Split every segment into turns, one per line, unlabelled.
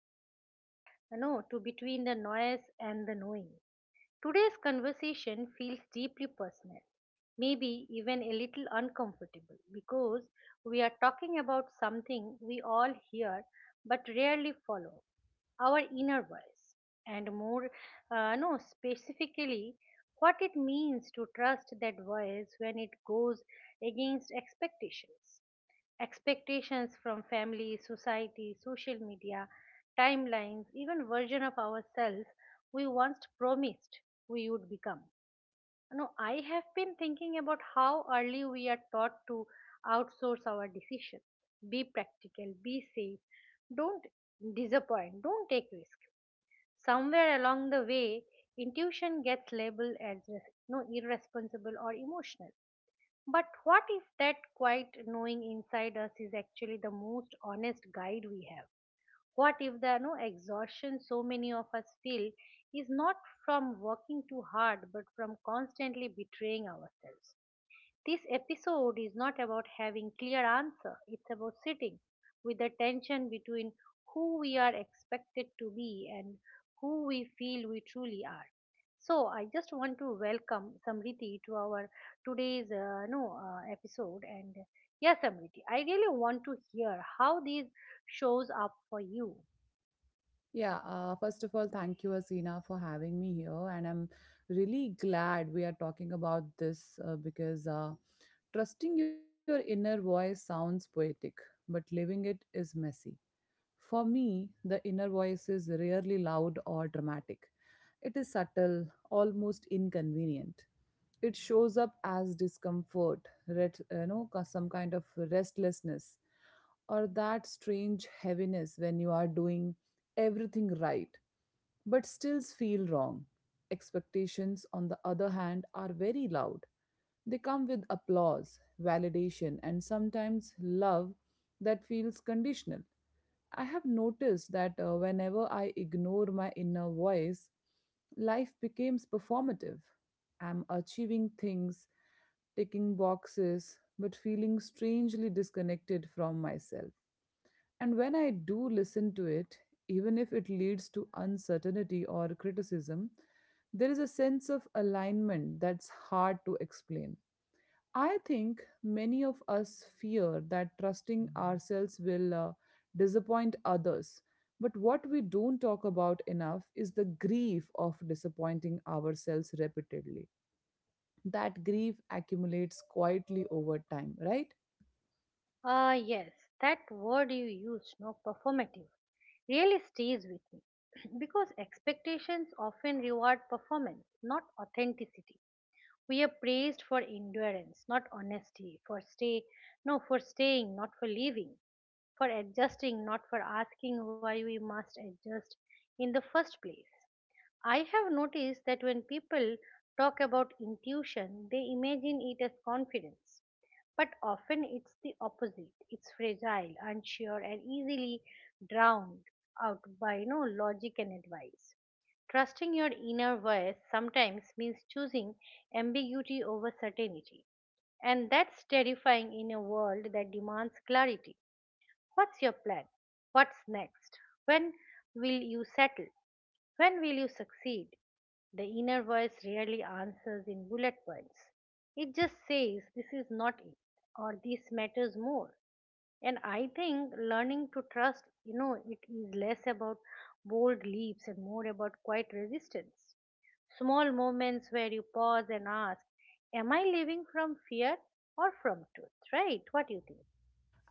Welcome back to Between the Noise and the Knowing. Today's conversation feels deeply personal, maybe even a little uncomfortable because we are talking about something we all hear but rarely follow, our inner voice, and more, no, specifically what it means to trust that voice when it goes against expectations from family, society, social media, timelines, even version of ourselves we once promised we would become. Now, I have been thinking about how early we are taught to outsource our decisions. Be practical, be safe, don't disappoint, don't take risk. Somewhere along the way, intuition gets labeled as res- no, irresponsible or emotional, but what if that quiet knowing inside us is actually the most honest guide we have? What if the no exhaustion so many of us feel is not from working too hard but from constantly betraying ourselves? This episode is not about having clear answer. It's about sitting with the tension between who we are expected to be and who we feel we truly are. So I just want to welcome Samriti to our today's no episode and yes, Samriti, I really want to hear how these shows up for you.
Yeah, first of all, thank you, Asina, for having me here. And I'm really glad we are talking about this because trusting your inner voice sounds poetic, but living it is messy. For me, the inner voice is rarely loud or dramatic. It is subtle, almost inconvenient. It shows up as discomfort, some kind of restlessness, or that strange heaviness when you are doing everything right but still feel wrong. Expectations, on the other hand, are very loud. They come with applause, validation, and sometimes love that feels conditional. I have noticed that whenever I ignore my inner voice, life becomes performative. I'm achieving things, ticking boxes, but feeling strangely disconnected from myself. And when I do listen to it, even if it leads to uncertainty or criticism, there is a sense of alignment that's hard to explain. I think many of us fear that trusting ourselves will disappoint others. But what we don't talk about enough is the grief of disappointing ourselves repeatedly. That grief accumulates quietly over time, right?
Ah, yes, that word you used, no performative, really stays with me because expectations often reward performance, not authenticity. We are praised for endurance, not honesty, for staying, not for leaving, for adjusting, not for asking why we must adjust in the first place. I have noticed that when people talk about intuition, they imagine it as confidence. But often it's the opposite. It's fragile, unsure, and easily drowned out by logic and advice. Trusting your inner voice sometimes means choosing ambiguity over certainty. And that's terrifying in a world that demands clarity. What's your plan? What's next? When will you settle? When will you succeed? The inner voice rarely answers in bullet points. It just says, this is not it, or this matters more. And I think learning to trust it is less about bold leaps and more about quiet resistance. Small moments where you pause and ask, am I living from fear or from truth? Right? What do you think?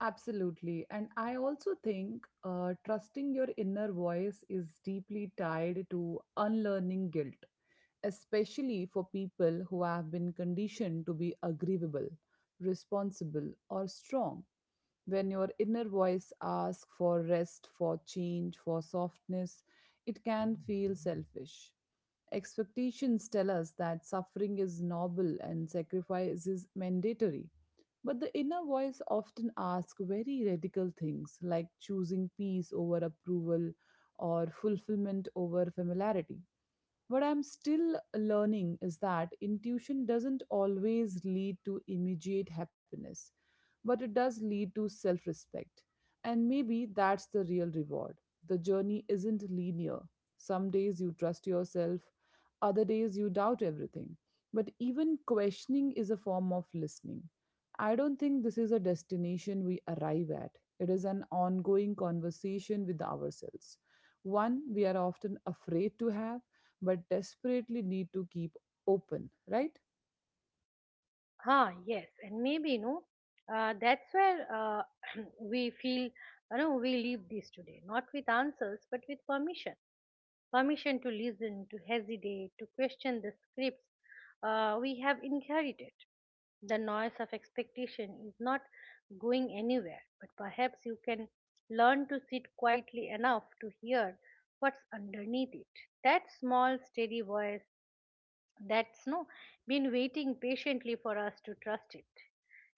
Absolutely. And I also think trusting your inner voice is deeply tied to unlearning guilt, especially for people who have been conditioned to be agreeable, responsible, or strong. When your inner voice asks for rest, for change, for softness, it can feel selfish. Expectations tell us that suffering is noble and sacrifice is mandatory, but the inner voice often asks very radical things, like choosing peace over approval or fulfillment over familiarity. What I'm still learning is that intuition doesn't always lead to immediate happiness, but it does lead to self respect. And maybe that's the real reward. The journey isn't linear. Some days you trust yourself, other days you doubt everything. But even questioning is a form of listening. I don't think this is a destination we arrive at. It is an ongoing conversation with ourselves, one we are often afraid to have but desperately need to keep open, right?
Ah, yes. And maybe, that's where we feel we leave this today, not with answers, but with permission. Permission to listen, to hesitate, to question the scripts we have inherited. The noise of expectation is not going anywhere, but perhaps you can learn to sit quietly enough to hear what's underneath it. That small, steady voice that's no been waiting patiently for us to trust it.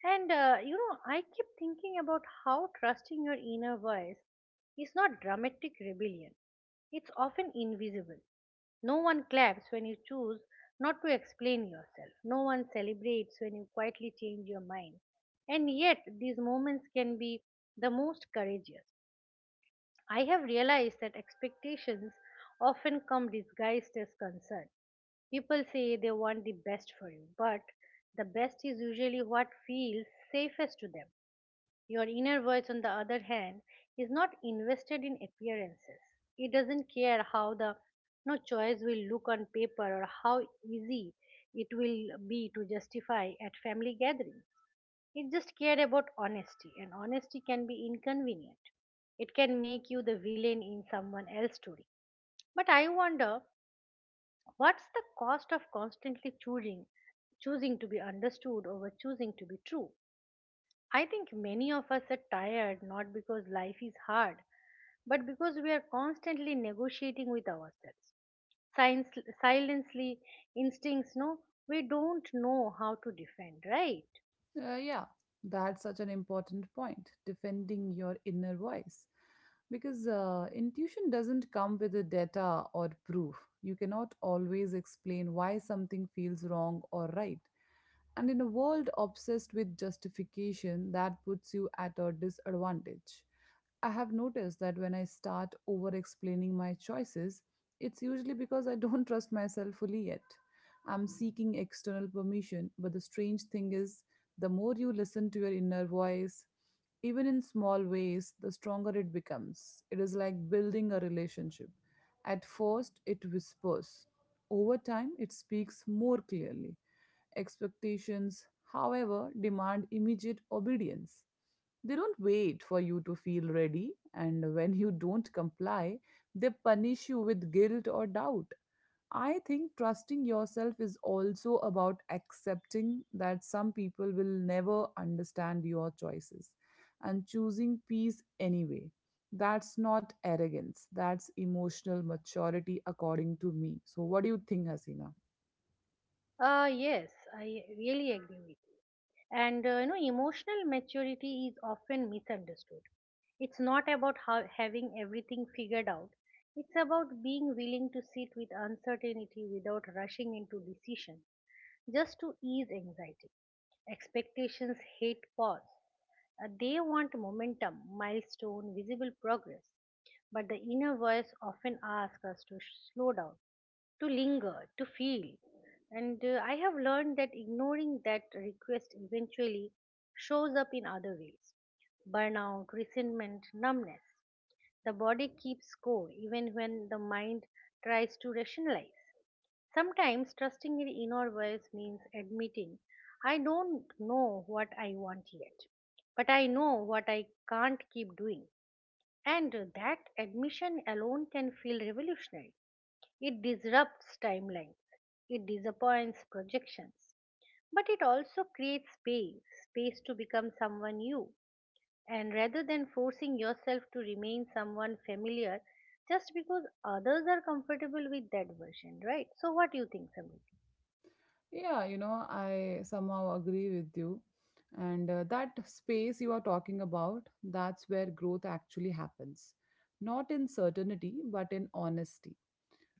And I keep thinking about how trusting your inner voice is not dramatic rebellion, it's often invisible. No one claps when you choose not to explain yourself, no one celebrates when you quietly change your mind, and yet these moments can be the most courageous. I have realized that expectations often come disguised as concern. People say they want the best for you, but the best is usually what feels safest to them. Your inner voice, on the other hand, is not invested in appearances. It doesn't care how the no choice will look on paper or how easy it will be to justify at family gatherings. It just cares about honesty, and honesty can be inconvenient. It can make you the villain in someone else's story. But I wonder, what's the cost of constantly choosing to be understood over choosing to be true? I think many of us are tired not because life is hard, but because we are constantly negotiating with ourselves. Silence, silently, instincts, we don't know how to defend, right?
Yeah, that's such an important point, defending your inner voice. Because intuition doesn't come with the data or proof. You cannot always explain why something feels wrong or right. And in a world obsessed with justification, that puts you at a disadvantage. I have noticed that when I start over explaining my choices, it's usually because I don't trust myself fully yet. I'm seeking external permission, but the strange thing is, the more you listen to your inner voice, even in small ways, the stronger it becomes. It is like building a relationship. At first, it whispers. Over time, it speaks more clearly. Expectations, however, demand immediate obedience. They don't wait for you to feel ready, and when you don't comply, they punish you with guilt or doubt. I think trusting yourself is also about accepting that some people will never understand your choices and choosing peace anyway. That's not arrogance, that's emotional maturity, according to me. So, what do you think, Hasina?
Yes, I really agree with, and emotional maturity is often misunderstood. It's not about how, having everything figured out, it's about being willing to sit with uncertainty without rushing into decisions just to ease anxiety. Expectations hate pause. They want momentum, milestone, visible progress, but the inner voice often asks us to slow down, to linger, to feel. And I have learned that ignoring that request eventually shows up in other ways: burnout, resentment, numbness. The body keeps score even when the mind tries to rationalize. Sometimes trusting your inner voice means admitting, I don't know what I want yet, but I know what I can't keep doing. And that admission alone can feel revolutionary. It disrupts timelines, it disappoints projections, but it also creates space, space to become someone new. And rather than forcing yourself to remain someone familiar just because others are comfortable with that version, right? So, what do you think, Samriti?
Yeah, you know, I somehow agree with you. And that space you are talking about, that's where growth actually happens. Not in certainty, but in honesty.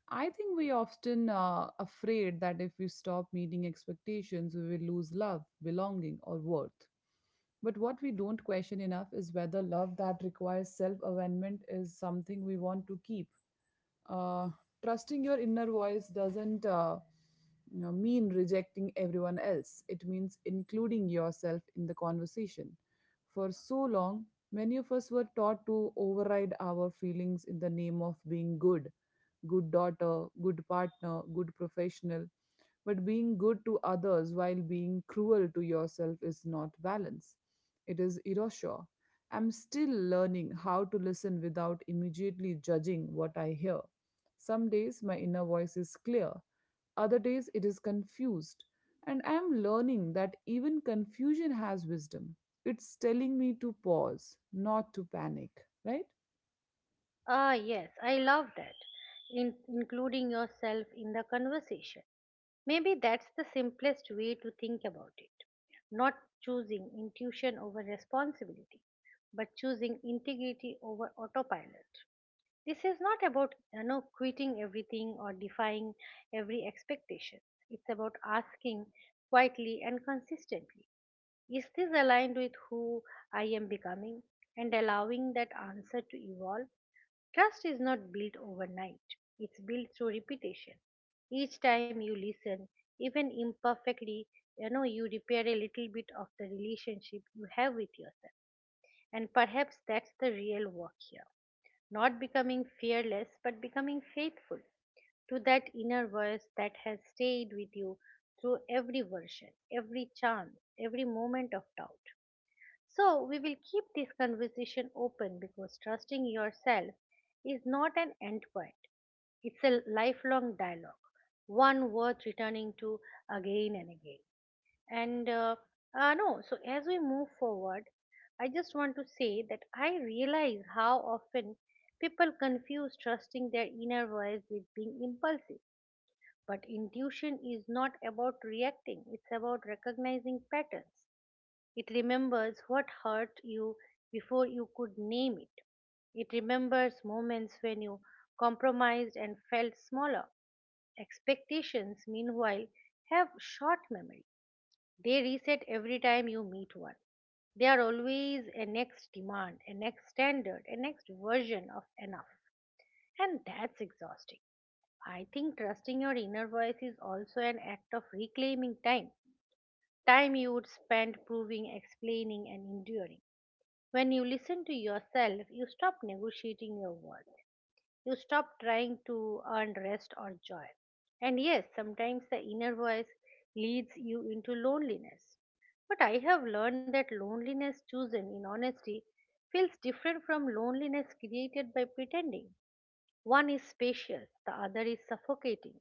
I think we often afraid that if we stop meeting expectations, we will lose love, belonging, or worth. But what we don't question enough is whether love that requires self-awareness is something we want to keep. uh, Trusting your inner voice doesn't mean rejecting everyone else. It means including yourself in the conversation. For so long, many of us were taught to override our feelings in the name of being good: good daughter, good partner, good professional, but being good to others while being cruel to yourself is not balance, it is erasure. I'm still learning how to listen without immediately judging what I hear. Some days my inner voice is clear, other days it is confused. And I am learning that even confusion has wisdom. It's telling me to pause, not to panic, right?
Ah, yes, I love that. In, including yourself in the conversation. Maybe that's the simplest way to think about it. Not choosing intuition over responsibility, but choosing integrity over autopilot. This is not about quitting everything or defying every expectation. It's about asking quietly and consistently, is this aligned with who I am becoming? And allowing that answer to evolve. Trust is not built overnight, it's built through repetition. Each time you listen, even imperfectly, you repair a little bit of the relationship you have with yourself. And perhaps that's the real work here. Not becoming fearless, but becoming faithful to that inner voice that has stayed with you through every version, every chance, every moment of doubt. So, we will keep this conversation open because trusting yourself is not an end point, it's a lifelong dialogue, one worth returning to again and again. And no, so as we move forward, I just want to say that I realize how often people confuse trusting their inner voice with being impulsive. But intuition is not about reacting, it's about recognizing patterns. It remembers what hurt you before you could name it. It remembers moments when you compromised and felt smaller. Expectations, meanwhile, have short memory. They reset every time you meet one. They are always a next demand, a next standard, a next version of enough. And that's exhausting. I think trusting your inner voice is also an act of reclaiming time. Time you would spend proving, explaining, and enduring. When you listen to yourself, you stop negotiating your worth. You stop trying to earn rest or joy. And yes, sometimes the inner voice leads you into loneliness. But I have learned that loneliness chosen in honesty feels different from loneliness created by pretending. One is spacious, the other is suffocating,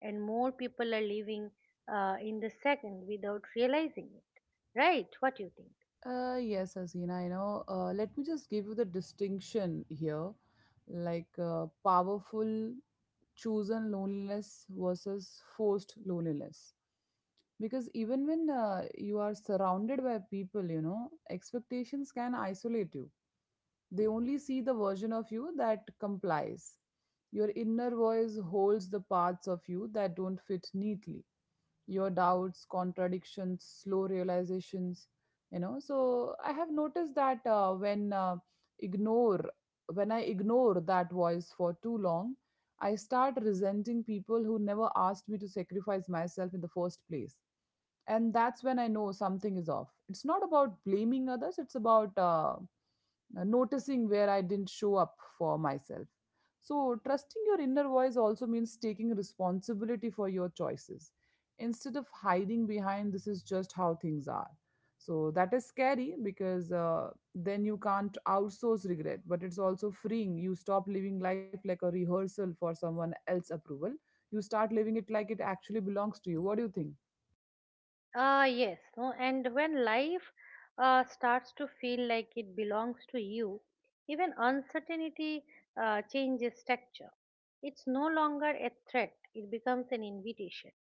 and more people are living in the second without realizing it. Right? What do you think?
Yes, Asina, you know, let me just give you the distinction here, like powerful chosen loneliness versus forced loneliness. Because even when you are surrounded by people, you know, expectations can isolate you. They only see the version of you that complies. Your inner voice holds the parts of you that don't fit neatly, your doubts, contradictions, slow realizations. You know, so I have noticed that ignore when I ignore that voice for too long, I start resenting people who never asked me to sacrifice myself in the first place. And that's when I know something is off. It's not about blaming others, it's about noticing where I didn't show up for myself. So trusting your inner voice also means taking responsibility for your choices instead of hiding behind this is just how things are. So that is scary, because then you can't outsource regret, but it's also freeing. You stop living life like a rehearsal for someone else's approval, you start living it like it actually belongs to you. What do you think?
Yes, no, and when life starts to feel like it belongs to you, even uncertainty changes texture. It's no longer a threat, it becomes an invitation.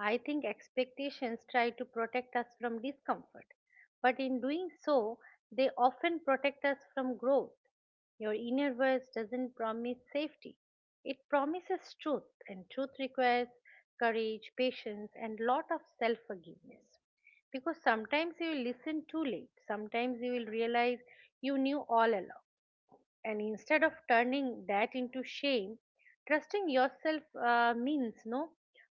I think expectations try to protect us from discomfort, but in doing so, they often protect us from growth. Your inner voice doesn't promise safety, it promises truth, and truth requires courage, patience, and lot of self forgiveness. Because sometimes you will listen too late, sometimes you will realize you knew all along, and instead of turning that into shame, trusting yourself means no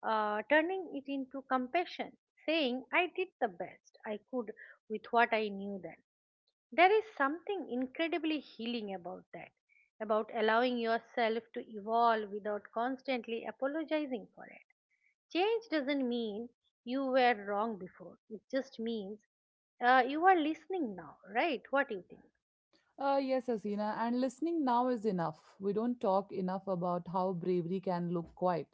turning it into compassion, saying I did the best I could with what I knew then. There is something incredibly healing about that, about allowing yourself to evolve without constantly apologizing for it. Change doesn't mean you were wrong before, it just means you are listening now. Right? What do you think?
Yes, Asina, and listening now is enough. We don't talk enough about how bravery can look quiet.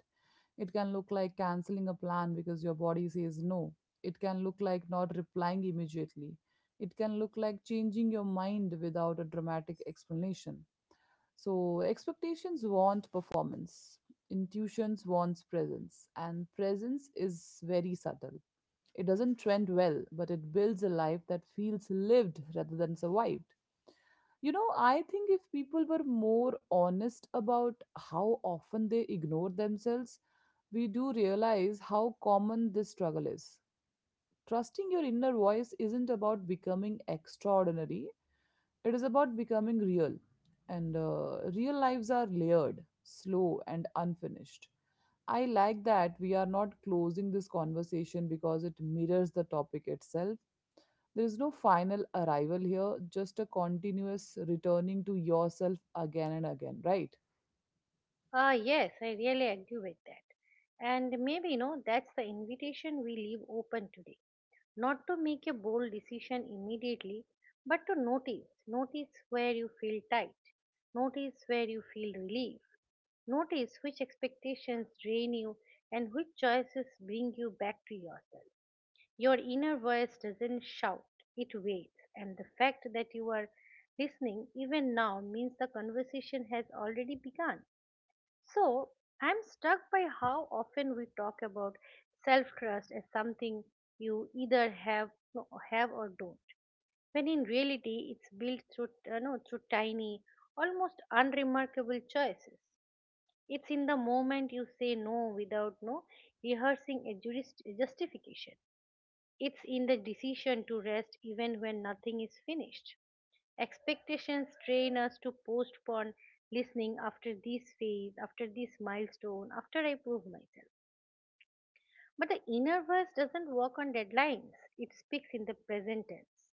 It can look like canceling a plan because your body says no. It can look like not replying immediately. It can look like changing your mind without a dramatic explanation. So, expectations want performance, intuitions wants presence, and presence is very subtle. It doesn't trend well, but it builds a life that feels lived rather than survived. You know, I think if people were more honest about how often they ignore themselves, we do realize how common this struggle is. Trusting your inner voice isn't about becoming extraordinary, it is about becoming real. And real lives are layered, slow, and unfinished. I like that we are not closing this conversation because it mirrors the topic itself. There is no final arrival here, just a continuous returning to yourself again and again, right?
Ah, yes, I really agree with that. And maybe, that's the invitation we leave open today. Not to make a bold decision immediately, but to notice. Notice where you feel tight. Notice where you feel relief. Notice which expectations drain you and which choices bring you back to yourself. Your inner voice doesn't shout, it waits. And the fact that you are listening even now means the conversation has already begun. So I'm struck by how often we talk about self-trust as something you either have or don't. When in reality, it's built through no, through tiny, almost unremarkable choices. It's in the moment you say no without no rehearsing a jurist justification. It's in the decision to rest even when nothing is finished. Expectations train us to postpone listening after this phase, after this milestone, after I prove myself. But the inner voice doesn't work on deadlines, it speaks in the present tense.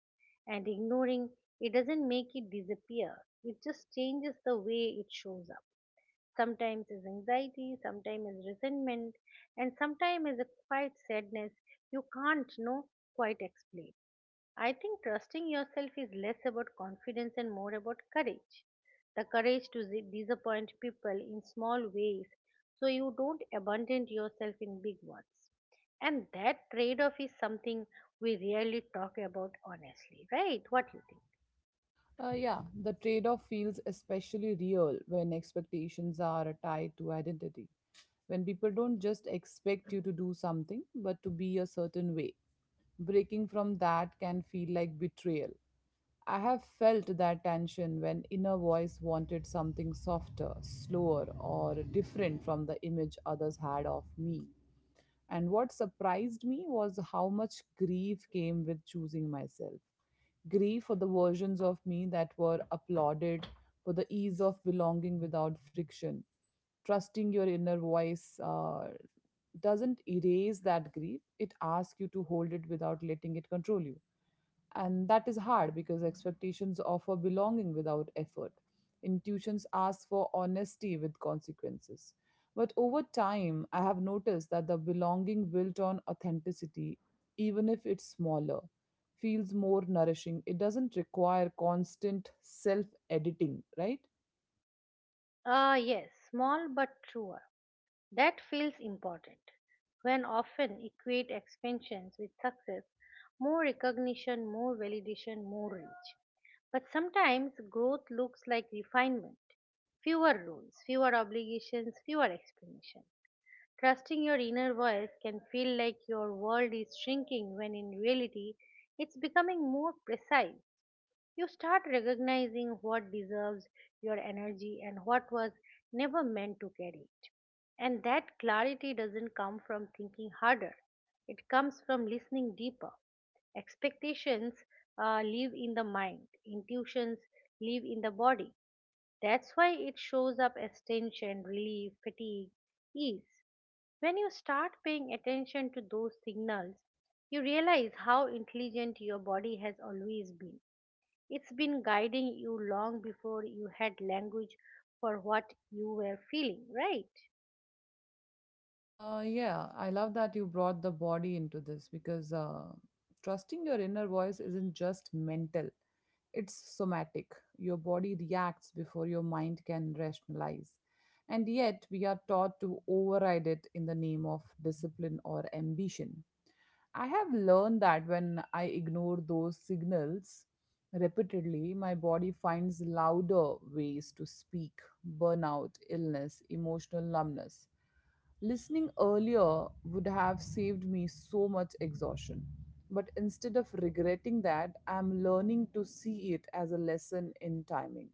And ignoring it doesn't make it disappear, it just changes the way it shows up. Sometimes as anxiety, sometimes as resentment, and sometimes as a quiet sadness you can't know quite explain. I think trusting yourself is less about confidence and more about courage. The courage to disappoint people in small ways so you don't abandon yourself in big ones. And that trade off is something we rarely talk about honestly, right? What do you think?
Yeah, the trade off feels especially real when expectations are tied to identity. When people don't just expect you to do something, but to be a certain way. Breaking from that can feel like betrayal. I have felt that tension when inner voice wanted something softer, slower, or different from the image others had of me. And what surprised me was how much grief came with choosing myself. Grief for the versions of me that were applauded, for the ease of belonging without friction. Trusting your inner voice doesn't erase that grief, it asks you to hold it without letting it control you. And that is hard because expectations offer belonging without effort. Intuitions ask for honesty with consequences. But over time, I have noticed that the belonging built on authenticity, even if it's smaller, feels more nourishing. It doesn't require constant self editing, right?
Ah, yes, small but truer. That feels important. When often equate expansions with success, more recognition, more validation, more reach. But sometimes growth looks like refinement, fewer rules, fewer obligations, fewer explanations. Trusting your inner voice can feel like your world is shrinking when in reality it's becoming more precise. You start recognizing what deserves your energy and what was never meant to carry it. And that clarity doesn't come from thinking harder, it comes from listening deeper. Expectations live in the mind, intuitions live in the body. That's why it shows up as tension, relief, fatigue, ease. When you start paying attention to those signals, you realize how intelligent your body has always been. It's been guiding you long before you had language for what you were feeling, right?
Yeah, I love that you brought the body into this, because trusting your inner voice isn't just mental, it's somatic. Your body reacts before your mind can rationalize. And yet, we are taught to override it in the name of discipline or ambition. I have learned that when I ignore those signals repeatedly, my body finds louder ways to speak: burnout, illness, emotional numbness. Listening earlier would have saved me so much exhaustion. But instead of regretting that, I'm learning to see it as a lesson in timing.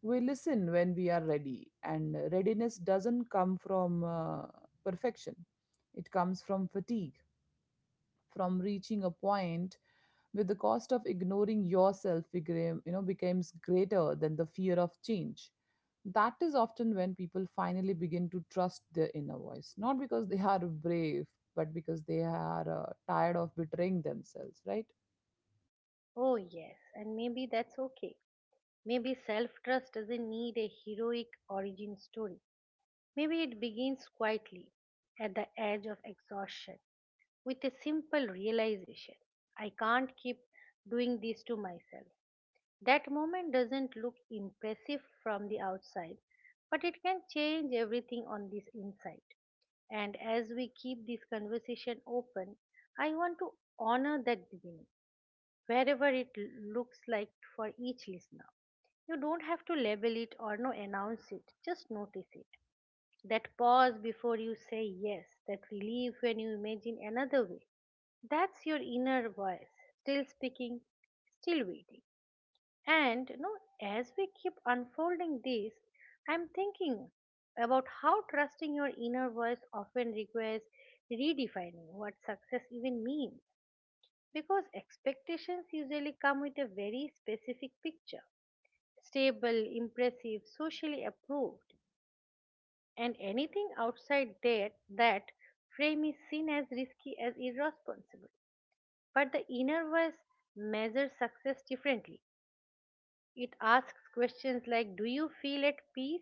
We listen when we are ready, and readiness doesn't come from perfection, it comes from fatigue, from reaching a point where the cost of ignoring yourself becomes greater than the fear of change. That is often when people finally begin to trust their inner voice, not because they are brave, but because they are tired of betraying themselves, right?
Oh, yes, and maybe that's okay. Maybe self trust doesn't need a heroic origin story. Maybe it begins quietly, at the edge of exhaustion, with a simple realization: I can't keep doing this to myself. That moment doesn't look impressive from the outside, but it can change everything on this inside. And as we keep this conversation open, I want to honor that beginning, wherever it looks like for each listener. You don't have to label it or no announce it, just notice it. That pause before you say yes, that relief when you imagine another way. That's your inner voice, still speaking, still waiting. And as we keep unfolding this, I'm thinking about how trusting your inner voice often requires redefining what success even means. Because expectations usually come with a very specific picture: stable, impressive, socially approved, and anything outside that frame is seen as risky, as irresponsible. But the inner voice measures success differently. It asks questions like: Do you feel at peace?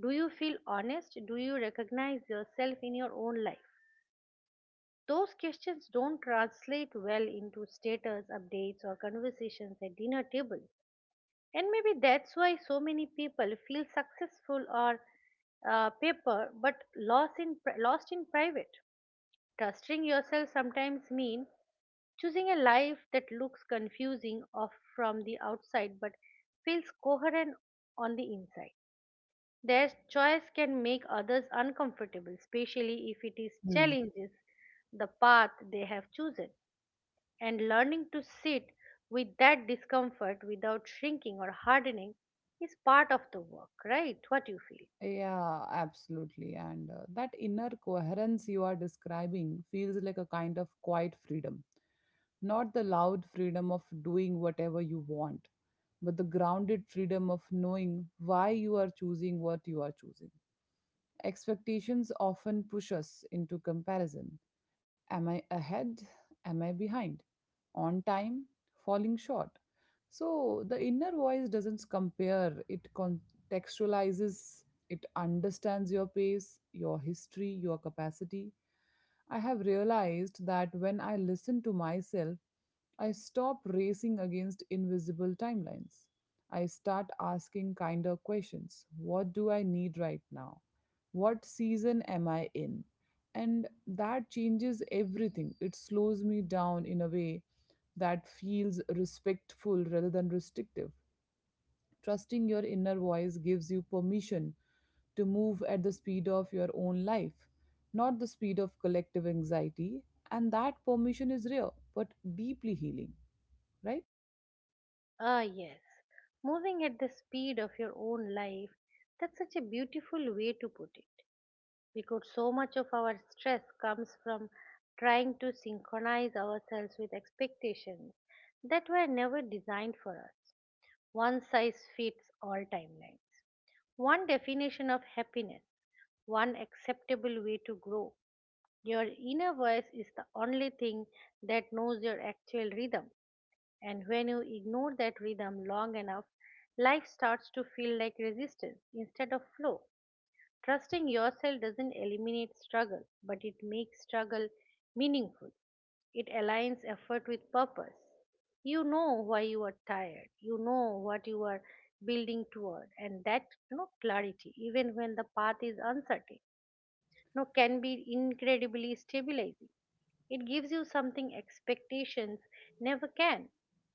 Do you feel honest? Do you recognize yourself in your own life? Those questions don't translate well into status updates or conversations at dinner table. And maybe that's why so many people feel successful or paper but lost in lost in private. Trusting yourself sometimes means choosing a life that looks confusing off from the outside but feels coherent on the inside. Their choice can make others uncomfortable, especially if it is challenges the path they have chosen. And learning to sit with that discomfort without shrinking or hardening is part of the work, right? What do you feel?
Yeah, absolutely. And that inner coherence you are describing feels like a kind of quiet freedom. Not the loud freedom of doing whatever you want, but the grounded freedom of knowing why you are choosing what you are choosing. Expectations often push us into comparison. Am I ahead? Am I behind? On time, falling short. So the inner voice doesn't compare, it contextualizes, it understands your pace, your history, your capacity. I have realized that when I listen to myself, I stop racing against invisible timelines. I start asking kinder questions. What do I need right now? What season am I in? And that changes everything. It slows me down in a way that feels respectful rather than restrictive. Trusting your inner voice gives you permission to move at the speed of your own life, not the speed of collective anxiety. And that permission is rare but deeply healing, right?
Ah, yes. Moving at the speed of your own life, that's such a beautiful way to put it. Because so much of our stress comes from trying to synchronize ourselves with expectations that were never designed for us. One size fits all timelines, one definition of happiness, one acceptable way to grow. Your inner voice is the only thing that knows your actual rhythm, and when you ignore that rhythm long enough, life starts to feel like resistance instead of flow. Trusting yourself doesn't eliminate struggle, but it makes struggle meaningful. It aligns effort with purpose. You know why you are tired. You know what you are building toward, and that clarity, even when the path is uncertain, can be incredibly stabilizing. It gives you something expectations never can.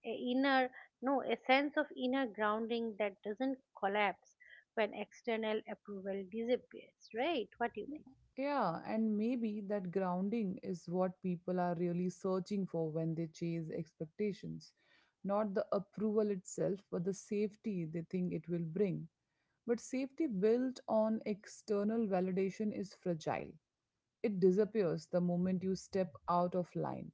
A inner, no, a sense of inner grounding that doesn't collapse when external approval disappears, right? What do you think?
Yeah, and maybe that grounding is what people are really searching for when they chase expectations. Not the approval itself, but the safety they think it will bring. But safety built on external validation is fragile. It disappears the moment you step out of line.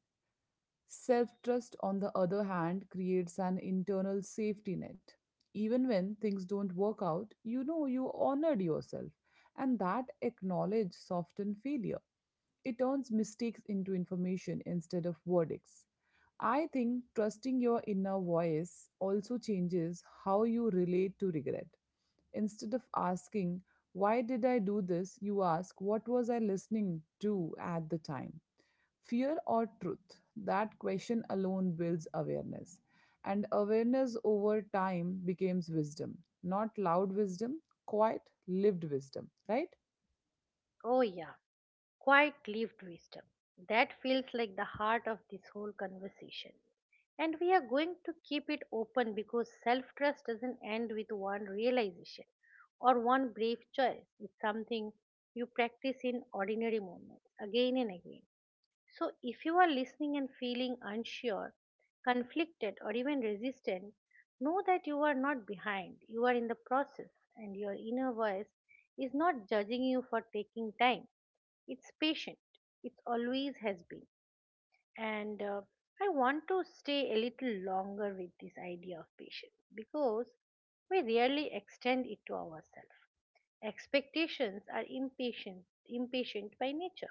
Self trust, on the other hand, creates an internal safety net. Even when things don't work out, you know you honored yourself, and that acknowledge soften failure. It turns mistakes into information instead of verdicts. I think trusting your inner voice also changes how you relate to regret. Instead of asking, "Why did I do this?" you ask, "What was I listening to at the time? Fear or truth?" That question alone builds awareness. And awareness over time becomes wisdom. Not loud wisdom, quiet, lived wisdom, right?
Oh, yeah, quite lived wisdom. That feels like the heart of this whole conversation. And we are going to keep it open because self trust doesn't end with one realization or one brave choice. It's something you practice in ordinary moments again and again. So, if you are listening and feeling unsure, conflicted, or even resistant, know that you are not behind. You are in the process, and your inner voice is not judging you for taking time. It's patient, it always has been. And I want to stay a little longer with this idea of patience because we rarely extend it to ourselves. Expectations are impatient, impatient by nature.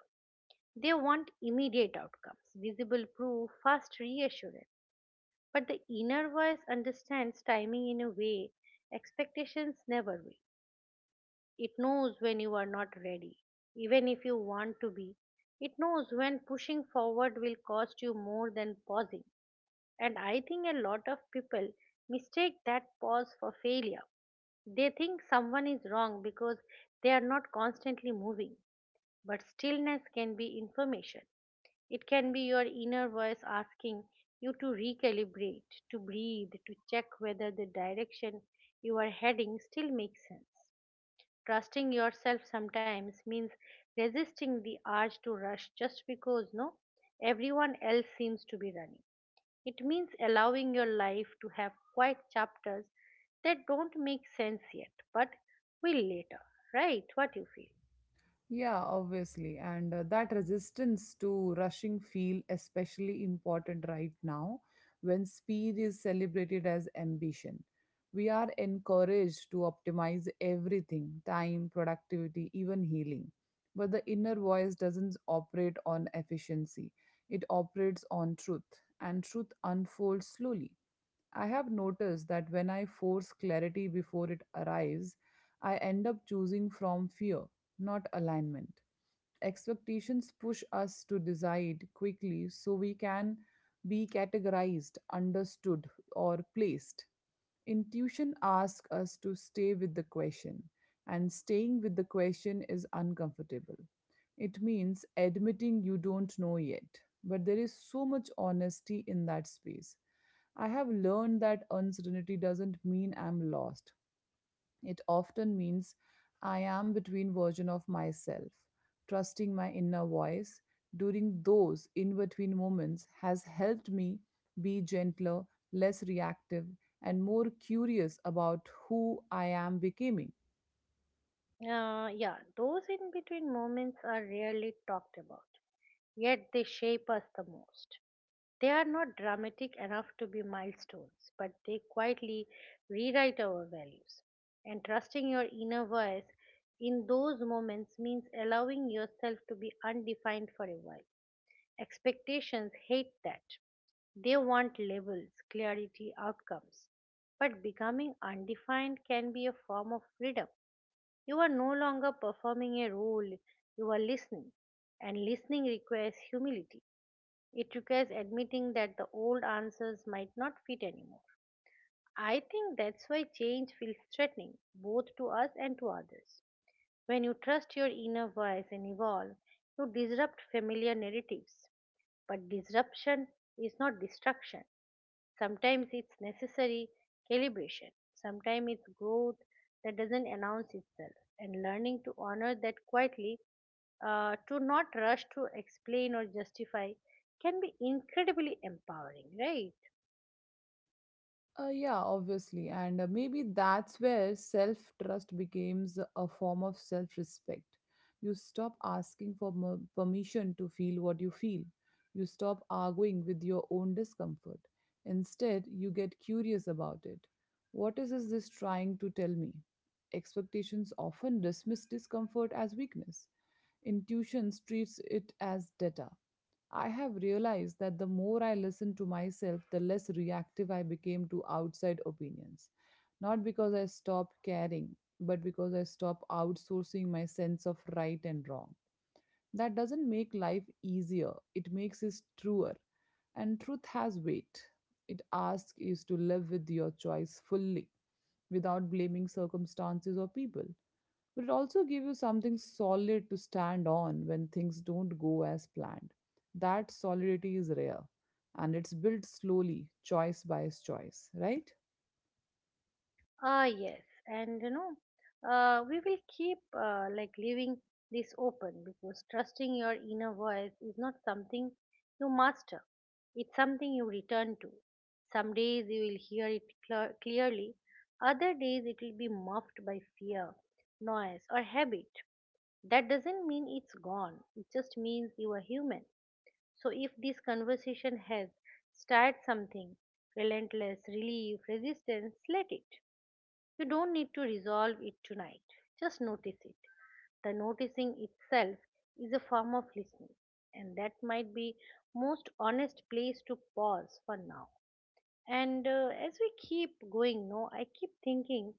They want immediate outcomes, visible proof, fast reassurance. But the inner voice understands timing in a way expectations never will. It knows when you are not ready, even if you want to be. It knows when pushing forward will cost you more than pausing. And I think a lot of people mistake that pause for failure. They think someone is wrong because they are not constantly moving. But stillness can be information. It can
Yeah,
be your
they are not.
inner voice asking you to recalibrate, to breathe, to check whether the direction you are heading still makes sense. Trusting yourself sometimes means resisting the urge to rush just because no everyone else seems to be running. It means allowing your life to have quiet chapters that don't make sense yet, but will later, right? What you feel.
Yeah, obviously. And That resistance to rushing feel especially important right now when speed is celebrated as ambition. We are encouraged to optimize everything time, productivity, even healing. But the inner voice doesn't operate on efficiency, it operates on truth, and truth unfolds slowly. I have noticed that when I force clarity before it arrives, I end up choosing from fear, not alignment. Expectations push us to decide quickly so we can be categorized, understood, or placed. Intuition asks us to stay with the question, and staying with the question is uncomfortable. It means admitting you don't know yet, but there is so much honesty in that space. I have learned that uncertainty doesn't mean I'm lost. It often means I am between version of myself. Trusting my inner voice during those in between moments has helped me be gentler, less reactive, and more curious about who I am becoming.
Yeah, those in between moments are rarely talked about, yet they shape us the most. They are not dramatic enough to be milestones, but they quietly rewrite our values. And trusting your inner voice in those moments means allowing yourself to be undefined for a while. Expectations hate that. They want labels, clarity, outcomes. But becoming undefined can be a form of freedom. You are no longer performing a role, you are listening. And listening requires humility. It requires admitting that the old answers might not fit anymore. I think that's why change feels threatening, both to us and to others. When you trust your inner voice and evolve, you disrupt familiar narratives. But disruption is not destruction. Sometimes it's necessary calibration, sometimes it's growth that doesn't announce itself, and learning to honor that quietly, to not rush to explain or justify, can be incredibly empowering, right?
Yeah, obviously. And Maybe that's where self trust becomes a form of self respect. You stop asking for permission to feel what you feel, you stop arguing with your own discomfort. Instead, you get curious about it. What Is this trying to tell me? Expectations often dismiss discomfort as weakness. Intuition treats it as data. I have realized that the more I listened to myself, the less reactive I became to outside opinions. Not because I stopped caring, but because I stopped outsourcing my sense of right and wrong. That doesn't make life easier, it makes it truer. And truth has weight. It asks you to live with your choice fully without blaming circumstances or people, but it also gives you something solid to stand on when things don't go as planned. That solidity is rare, and it's built slowly, choice by choice, right?
Ah, yes, and we will keep like leaving this open because trusting your inner voice is not something you master. It's something you return to. Some days you will hear it clearly, other days it will be muffled by fear, noise, or habit. That doesn't mean it's gone. It just means you are human. So if this conversation has started something, relentless relief, resistance, let it, you don't need to resolve it tonight, just notice it. The noticing itself is a form of listening, and that might be most honest place to pause for now. And as we keep going, no, I keep thinking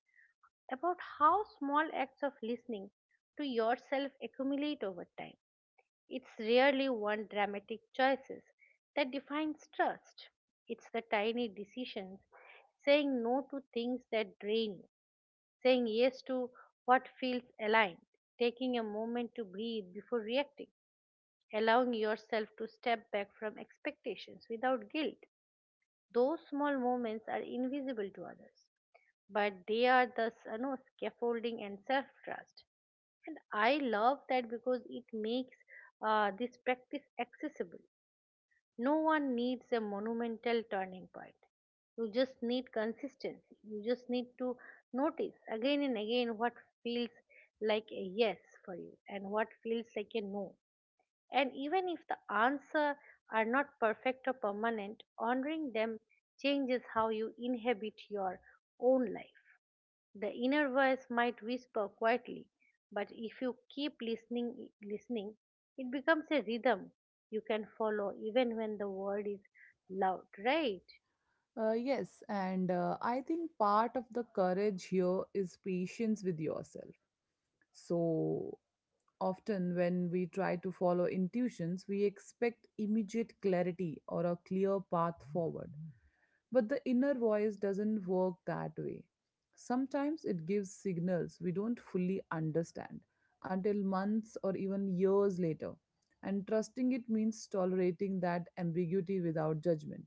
about how small acts of listening to yourself accumulate over time. It's rarely one dramatic choices that defines trust. It's the tiny decisions, saying no to things that drain you, saying yes to what feels aligned, taking a moment to breathe before reacting, allowing yourself to step back from expectations without guilt. Those small moments are invisible to others, but they are the scaffolding and self trust. And I love that because it makes this practice accessible. No one needs a monumental turning point. You just need consistency. You just need to notice again and again what feels like a yes for you and what feels like a no. And even if the answer are not perfect or permanent, honoring them changes how you inhabit your own life. The inner voice might whisper quietly, but if you keep listening, it becomes a rhythm you can follow even when the world is loud, right?
Yes, and I think part of the courage here is patience with yourself. So often, when we try to follow intuitions, we expect immediate clarity or a clear path forward. But the inner voice doesn't work that way. Sometimes it gives signals we don't fully understand until months or even years later. And trusting it means tolerating that ambiguity without judgment.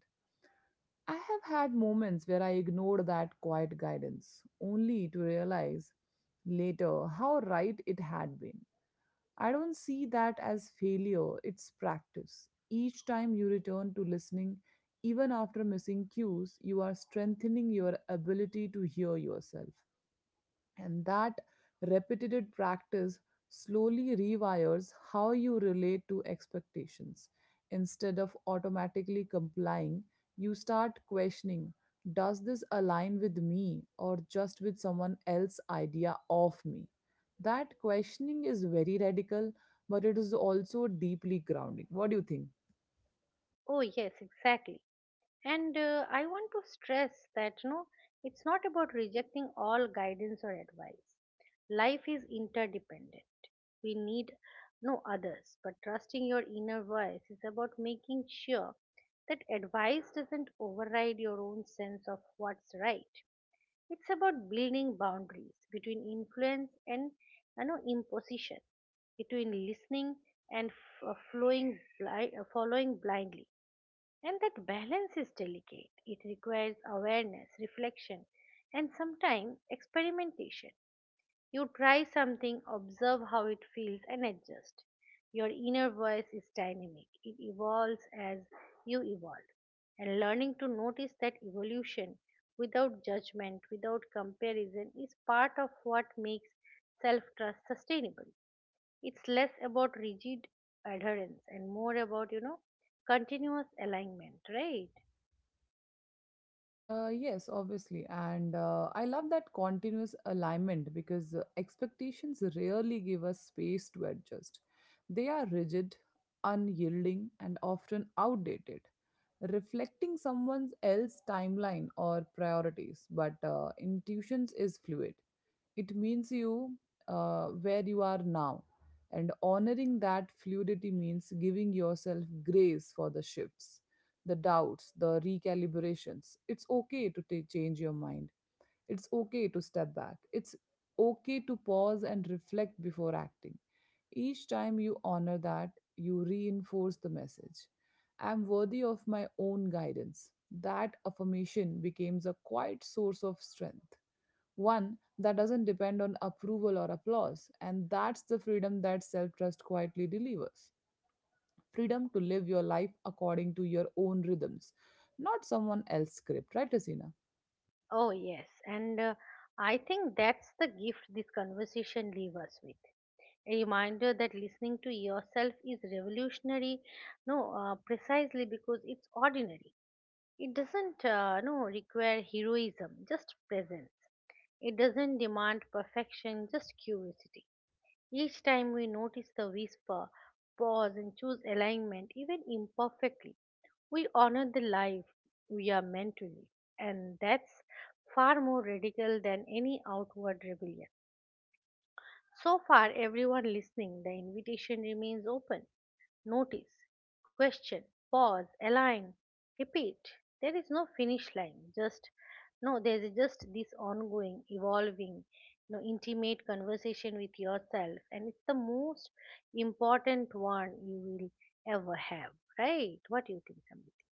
I have had moments where I ignored that quiet guidance, only to realize later how right it had been. I don't see that as failure, it's practice. Each time you return to listening, even after missing cues, you are strengthening your ability to hear yourself. And that repeated practice slowly rewires how you relate to expectations. Instead of automatically complying, you start questioning, does this align with me or just with someone else's idea of me? That questioning is very radical, but it is also deeply grounding. What do you think?
Oh yes, exactly. And I want to stress that it's not about rejecting all guidance or advice. Life is interdependent. We need no others, but trusting your inner voice is about making sure that advice doesn't override your own sense of what's right. It's about building boundaries between influence and imposition, between listening and following blindly, and that balance is delicate. It requires awareness, reflection, and sometimes experimentation. You try something, observe how it feels, and adjust. Your inner voice is dynamic, it evolves as you evolve. And learning to notice that evolution without judgment, without comparison, is part of what makes self trust sustainable. It's less about rigid adherence and more about continuous alignment, right?
Yes, obviously. And I love that continuous alignment because expectations rarely give us space to adjust. They are rigid, unyielding, and often outdated, reflecting someone else's timeline or priorities. But intuitions is fluid. It means you where you are now. And honoring that fluidity means giving yourself grace for the shifts, the doubts, the recalibrations. It's okay to change your mind. It's okay to step back. It's okay to pause and reflect before acting. Each time you honor that, you reinforce the message: I'm worthy of my own guidance. That affirmation becomes a quiet source of strength. One that doesn't depend on approval or applause, and that's the freedom that self trust quietly delivers, freedom to live your life according to your own rhythms, not someone else's script, right, Asina?
Oh yes, and I think that's the gift this conversation leaves us with, a reminder that listening to yourself is revolutionary, no precisely because it's ordinary. It doesn't no require heroism, just presence. It doesn't demand perfection, just curiosity. Each time we notice the whisper, pause, and choose alignment, even imperfectly, we honor the life we are meant to live. And that's far more radical than any outward rebellion. So far, everyone listening, the invitation remains open. Notice, question, pause, align, repeat. There is no finish line. Just no, there is just this ongoing, evolving, intimate conversation with yourself, and it's the most important one you will ever have. Right? What do you think, Samriti?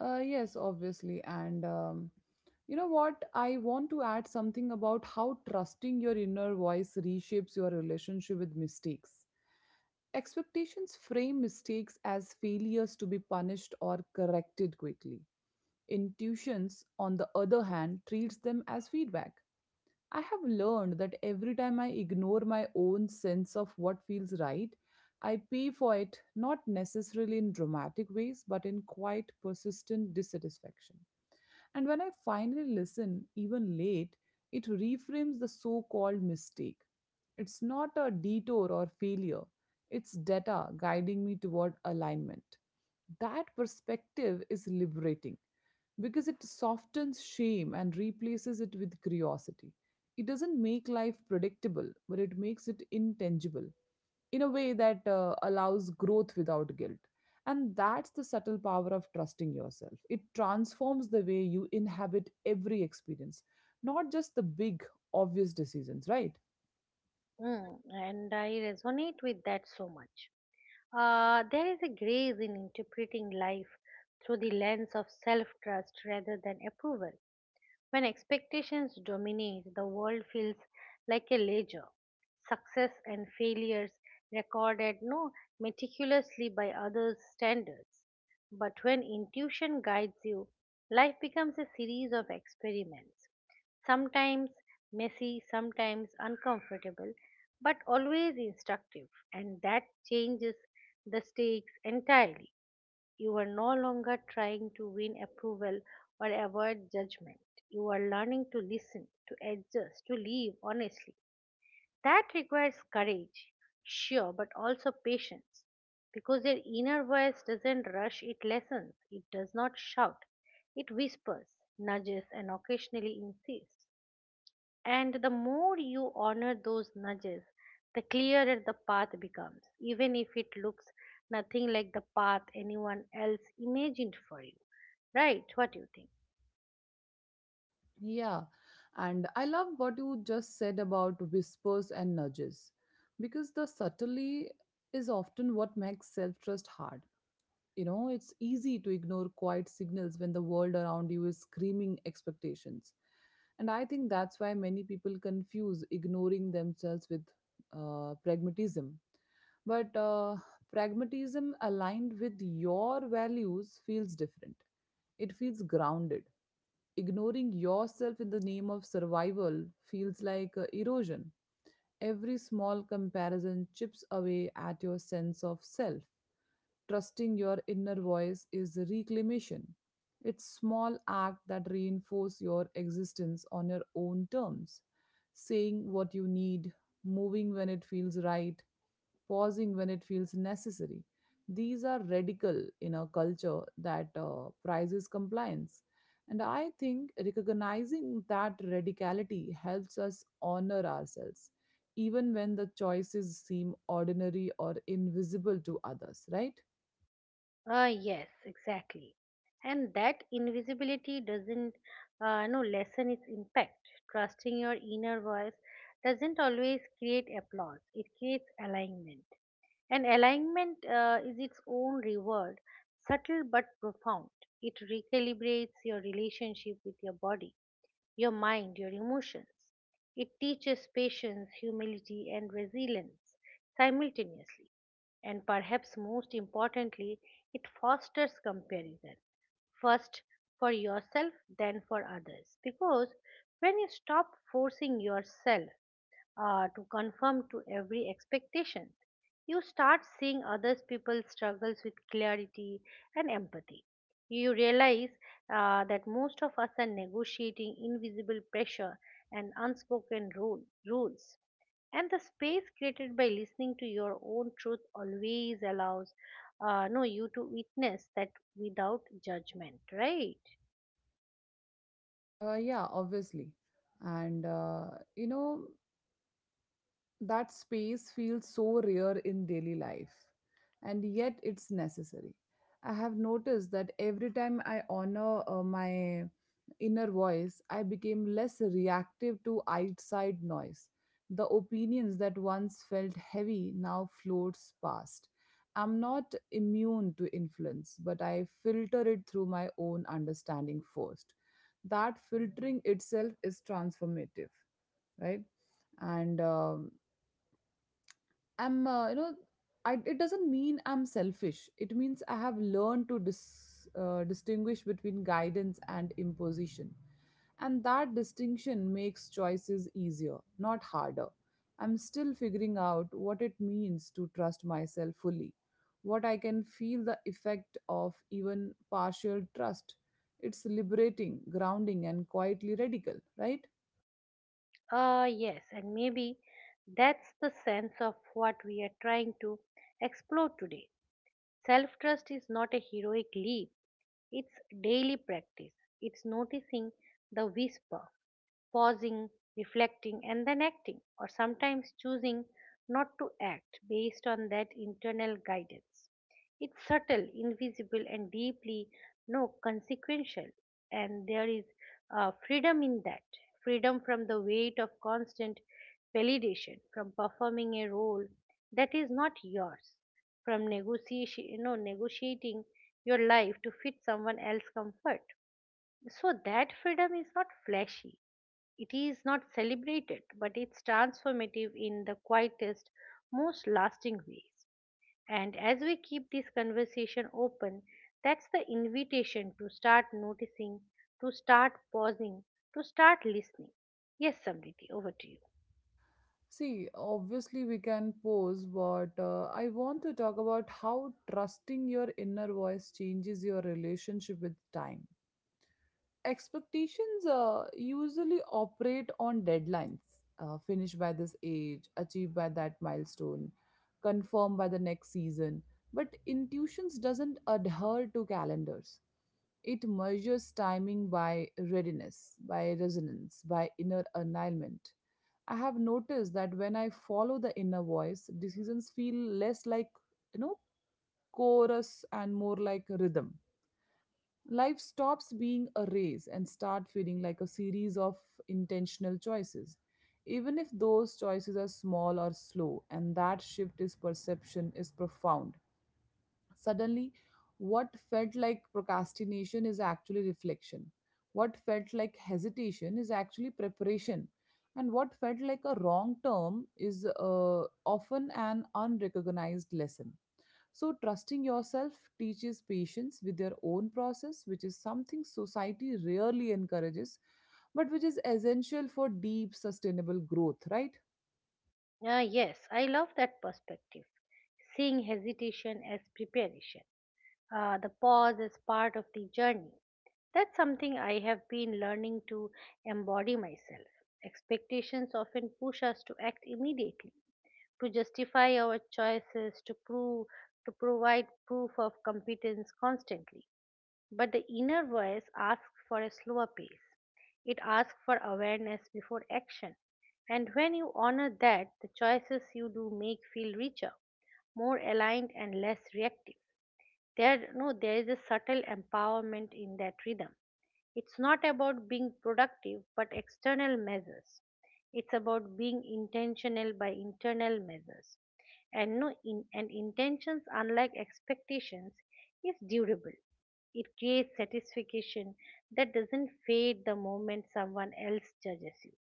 Yes, obviously. And You know what? I want to add something about how trusting your inner voice reshapes your relationship with mistakes. Expectations frame mistakes as failures to be punished or corrected quickly. Intuitions, on the other hand, treats them as feedback. I have learned that every time I ignore my own sense of what feels right, I pay for it, not necessarily in dramatic ways, but in quite persistent dissatisfaction. And when I finally listen, even late, it reframes the so called mistake. It's not a detour or failure, it's data guiding me toward alignment. That perspective is liberating because it softens shame and replaces it with curiosity. It doesn't make life predictable, but it makes it intangible in a way that allows growth without guilt. And that's the subtle power of trusting yourself. It transforms the way you inhabit every experience, not just the big, obvious decisions, right?
Mm, and I resonate with that so much. There is a grace in interpreting life through the lens of self trust rather than approval. When expectations dominate, the world feels like a ledger. Success and failures recorded no meticulously by others' standards. But when intuition guides you, life becomes a series of experiments. Sometimes messy, sometimes uncomfortable, but always instructive, and that changes the stakes entirely. You are no longer trying to win approval or avoid judgment. You are learning to listen, to adjust, to live honestly. That requires courage, sure, but also patience because your inner voice doesn't rush it lessons, it does not shout, it whispers, nudges, and occasionally insists. And the more you honor those nudges, the clearer the path becomes, even if it looks nothing like the path anyone else imagined for you. Right? What do you think?
Yeah. And I love what you just said about whispers and nudges because the subtlety is often what makes self trust hard. You know, it's easy to ignore quiet signals when the world around you is screaming expectations. And I think that's why many people confuse ignoring themselves with pragmatism. But pragmatism aligned with your values feels different. It feels grounded. Ignoring yourself in the name of survival feels like erosion. Every small comparison chips away at your sense of self. Trusting your inner voice is reclamation. It's small act that reinforce your existence on your own terms. Saying what you need, moving when it feels right, pausing when it feels necessary. These are radical in a culture that prizes compliance. And I think recognizing that radicality helps us honor ourselves, even when the choices seem ordinary or invisible to others, right?
Ah, yes, exactly. And that invisibility doesn't, no, lessen its impact. Trusting your inner voice doesn't always create applause, it creates alignment. And alignment is its own reward, subtle but profound. It recalibrates your relationship with your body, your mind, your emotions. It teaches patience, humility, and resilience simultaneously. And perhaps most importantly, it fosters comparison, first for yourself, then for others. Because when you stop forcing yourself, to conform to every expectation. You start seeing others people's struggles with clarity and empathy. You realize that most of us are negotiating invisible pressure and rules. And the space created by listening to your own truth always allows no you to witness that without judgment, right?
Yeah, obviously. And, uh, you know, that space feels so rare in daily life, and yet it's necessary. I have noticed that every time I honor my inner voice, I became less reactive to outside noise. The opinions that once felt heavy now floats past. I'm not immune to influence, but I filter it through my own understanding first. That filtering itself is transformative, right? and I'm, you know, I, it doesn't mean I'm selfish. It means I have learned to distinguish between guidance and imposition. And that distinction makes choices easier, not harder. I'm still figuring out what it means to trust myself fully, what I can feel the effect of even partial trust. It's liberating, grounding, and quietly radical, right?
Yes, and maybe that's the sense of what we are trying to explore today. Self trust is not a heroic leap, it's daily practice. It's noticing the whisper, pausing, reflecting, and then acting, or sometimes choosing not to act based on that internal guidance. It's subtle, invisible, and deeply no consequential, and there is freedom in that, freedom from the weight of constant validation, from performing a role that is not yours, from negotiating your life to fit someone else's comfort. So that freedom is not flashy. It is not celebrated, but it's transformative in the quietest, most lasting ways. And as we keep this conversation open, that's the invitation to start noticing, to start pausing, to start listening. Yes, Samriti, over to you.
See, obviously, we can pause, but I want to talk about how trusting your inner voice changes your relationship with time. Expectations usually operate on deadlines, finish by this age, achieve by that milestone, confirm by the next season. But intuitions doesn't adhere to calendars. It measures timing by readiness, by resonance, by inner alignment. I have noticed that when I follow the inner voice, decisions feel less like, you know, chorus and more like a rhythm. Life stops being a race and start feeling like a series of intentional choices, even if those choices are small or slow, and that shift is perception is profound. Suddenly, what felt like procrastination is actually reflection. What felt like hesitation is actually preparation. And what felt like a wrong term is often an unrecognized lesson. So, trusting yourself teaches patience with your own process, which is something society rarely encourages, but which is essential for deep, sustainable growth, right?
Ah, yes, I love that perspective, seeing hesitation as preparation. The pause is part of the journey. That's something I have been learning to embody myself. Expectations often push us to act immediately, to justify our choices, to provide proof of competence constantly. But the inner voice asks for a slower pace. It asks for awareness before action. And when you honor that, the choices you do make feel richer, more aligned and less reactive. There no There is a subtle empowerment in that rhythm. It's not about being productive but external measures, it's about being intentional by internal measures. And no in and intentions, unlike expectations, is durable. It creates satisfaction that doesn't fade the moment someone else judges you.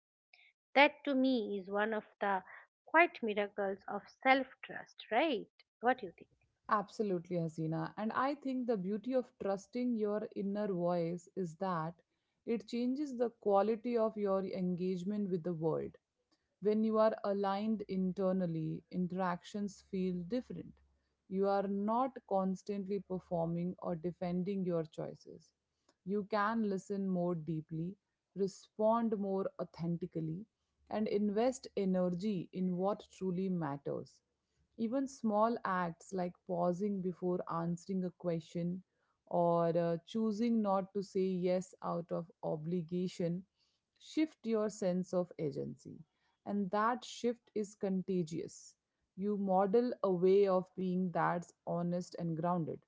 That, to me, is one of the quite miracles of self trust, right? What do you think?
Absolutely, Hasina. And I think the beauty of trusting your inner voice is that it changes the quality of your engagement with the world. When you are aligned internally, interactions feel different. You are not constantly performing or defending your choices. You can listen more deeply, respond more authentically, and invest energy in what truly matters. Even small acts like pausing before answering a question or choosing not to say yes out of obligation shift your sense of agency, and that shift is contagious. You model a way of being that's honest and grounded.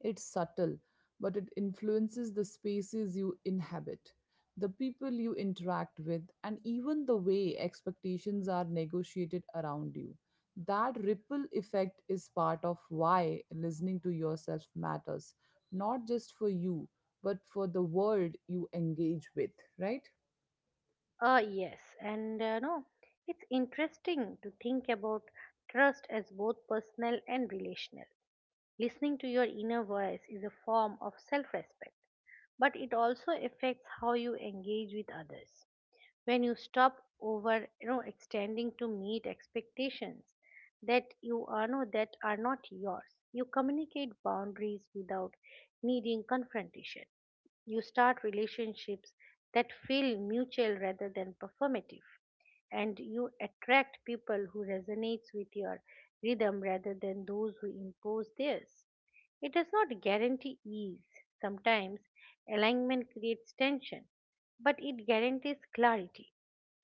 It's subtle, but it influences the spaces you inhabit, the people you interact with, and even the way expectations are negotiated around you. That ripple effect is part of why listening to yourself matters, not just for you, but for the world you engage with, right?
Yes, and no, It's interesting to think about trust as both personal and relational. Listening to your inner voice is a form of self respect, but it also affects how you engage with others. When you stop over extending to meet expectations that are not yours, you communicate boundaries without needing confrontation. You start relationships that feel mutual rather than performative, and you attract people who resonates with your rhythm rather than those who impose theirs. It does not guarantee ease. Sometimes alignment creates tension, but it guarantees clarity.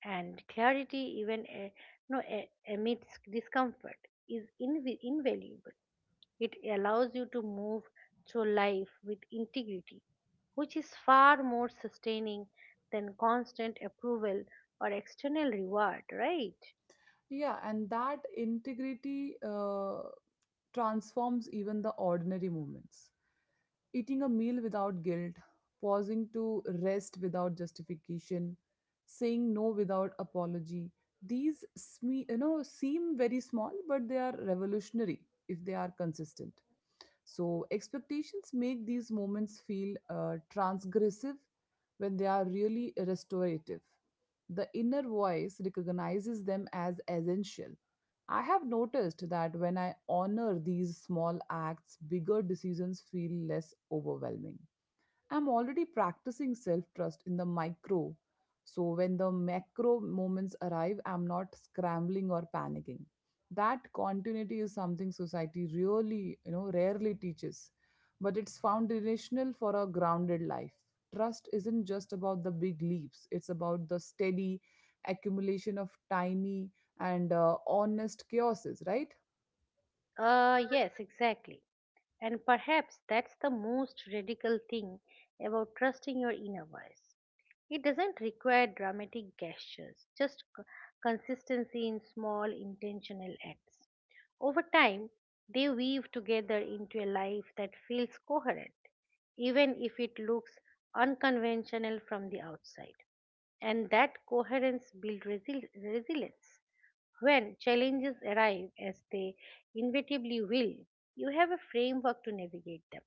And clarity, even no, amidst discomfort, is invaluable. It allows you to move through life with integrity, which is far more sustaining than constant approval or external reward, right?
Yeah, and that integrity transforms even the ordinary moments. Eating a meal without guilt, pausing to rest without justification, saying no without apology. These seem very small, but they are revolutionary if they are consistent. So expectations make these moments feel transgressive when they are really restorative. The inner voice recognizes them as essential. I have noticed that when I honor these small acts, bigger decisions feel less overwhelming. I'm already practicing self trust in the micro. So when the macro moments arrive, I'm not scrambling or panicking. That continuity is something society really rarely teaches, but it's foundational for a grounded life. Trust isn't just about the big leaps, it's about the steady accumulation of tiny and honest chaoses, right?
Yes, exactly. And perhaps that's the most radical thing about trusting your inner voice. It doesn't require dramatic gestures, just consistency in small intentional acts. Over time, they weave together into a life that feels coherent, even if it looks unconventional from the outside. And that coherence builds resilience. When challenges arrive, as they inevitably will, you have a framework to navigate them,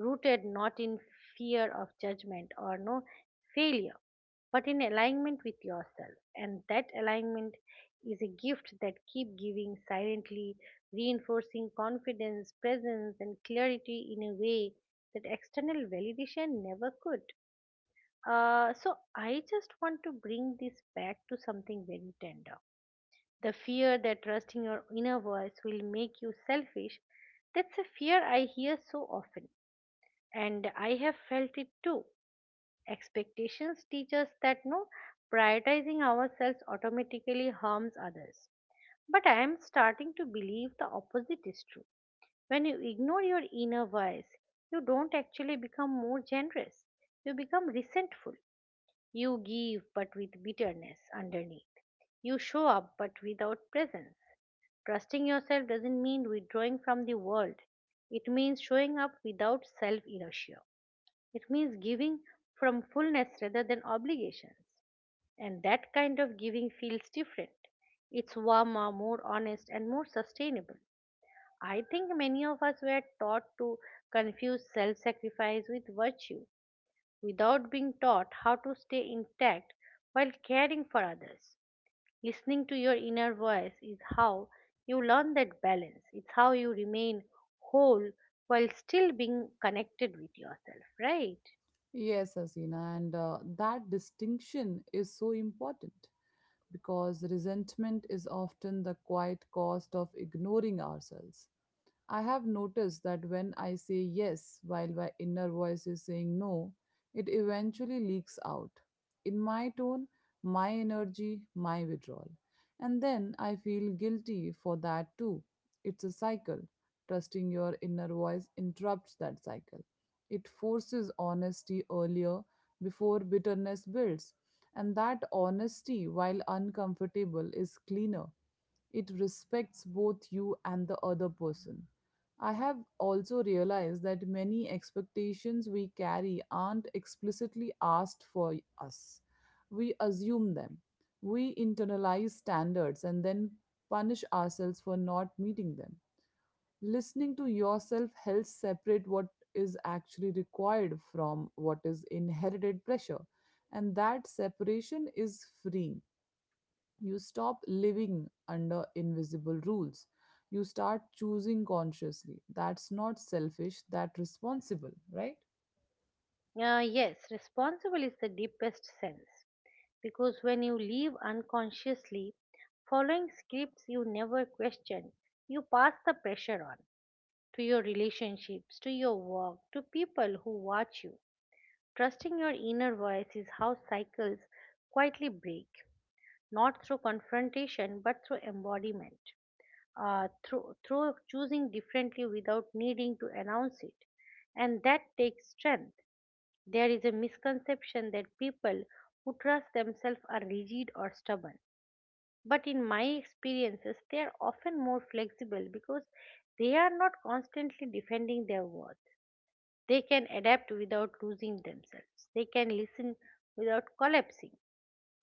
rooted not in fear of judgment or no failure, but in alignment with yourself. And that alignment is a gift that keep giving silently, reinforcing confidence, presence, and clarity in a way that external validation never could. So I just want to bring this back to something very tender. The fear that trusting your inner voice will make you selfish, that's a fear I hear so often, and I have felt it too. Expectations teach us that no prioritizing ourselves automatically harms others. But I am starting to believe the opposite is true. When you ignore your inner voice, you don't actually become more generous, you become resentful. You give, but with bitterness underneath. You show up, but without presence. Trusting yourself doesn't mean withdrawing from the world, it means showing up without self inertia. It means giving from fullness rather than obligations. And that kind of giving feels different. It's warmer, more honest, and more sustainable. I think many of us were taught to confuse self sacrifice with virtue without being taught how to stay intact while caring for others. Listening to your inner voice is how you learn that balance. It's how you remain whole while still being connected with yourself, right?
Yes, Asina, and that distinction is so important because resentment is often the quiet cost of ignoring ourselves. I have noticed that when I say yes while my inner voice is saying no, it eventually leaks out in my tone, my energy, my withdrawal. And then I feel guilty for that too. It's a cycle. Trusting your inner voice interrupts that cycle. It forces honesty earlier before bitterness builds. And that honesty, while uncomfortable, is cleaner. It respects both you and the other person. I have also realized that many expectations we carry aren't explicitly asked for us. We assume them. We internalize standards and then punish ourselves for not meeting them. Listening to yourself helps separate what is actually required from what is inherited pressure, and that separation is freeing. You stop living under invisible rules. You start choosing consciously. That's not selfish, that's responsible.
Yes, responsible is the deepest sense because when you live unconsciously, following scripts you never question, you pass the pressure on to your relationships, to your work, to people who watch you. Trusting your inner voice is how cycles quietly break, not through confrontation but through embodiment, through choosing differently without needing to announce it. And that takes strength. There is a misconception that people who trust themselves are rigid or stubborn. But in my experiences, they are often more flexible because they are not constantly defending their worth. They can adapt without losing themselves. They can listen without collapsing.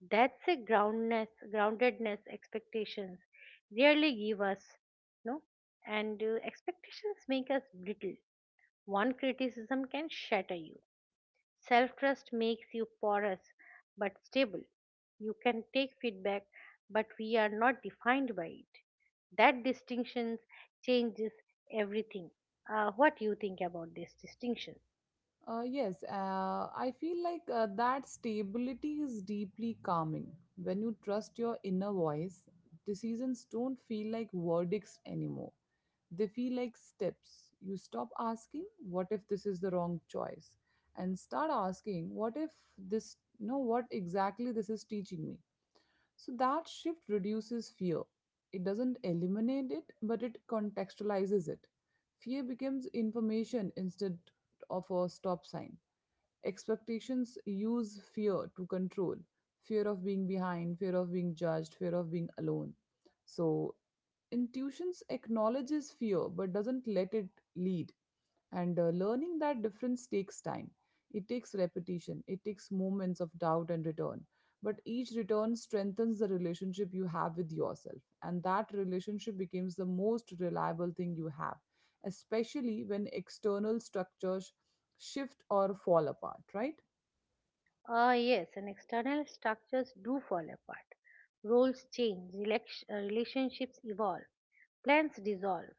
That's a groundedness expectations rarely give us, no? And expectations make us brittle. One criticism can shatter you. Self trust makes you porous but stable. You can take feedback, but we are not defined by it. That distinction changes everything. What do you think about this distinction?
Yes, I feel like that stability is deeply calming. When you trust your inner voice, decisions don't feel like verdicts anymore. They feel like steps. You stop asking, what if this is the wrong choice? And start asking, what if this, no, what exactly this is teaching me? So that shift reduces fear. It doesn't eliminate it, but it contextualizes it. Fear becomes information instead of a stop sign. Expectations use fear to control: fear of being behind, fear of being judged, fear of being alone. So, intuitions acknowledges fear but doesn't let it lead. And learning that difference takes time. It takes repetition, it takes moments of doubt and return. But each return strengthens the relationship you have with yourself. And that relationship becomes the most reliable thing you have, especially when external structures shift or fall apart, right?
Ah, yes, and external structures do fall apart. Roles change, relationships evolve, plans dissolve.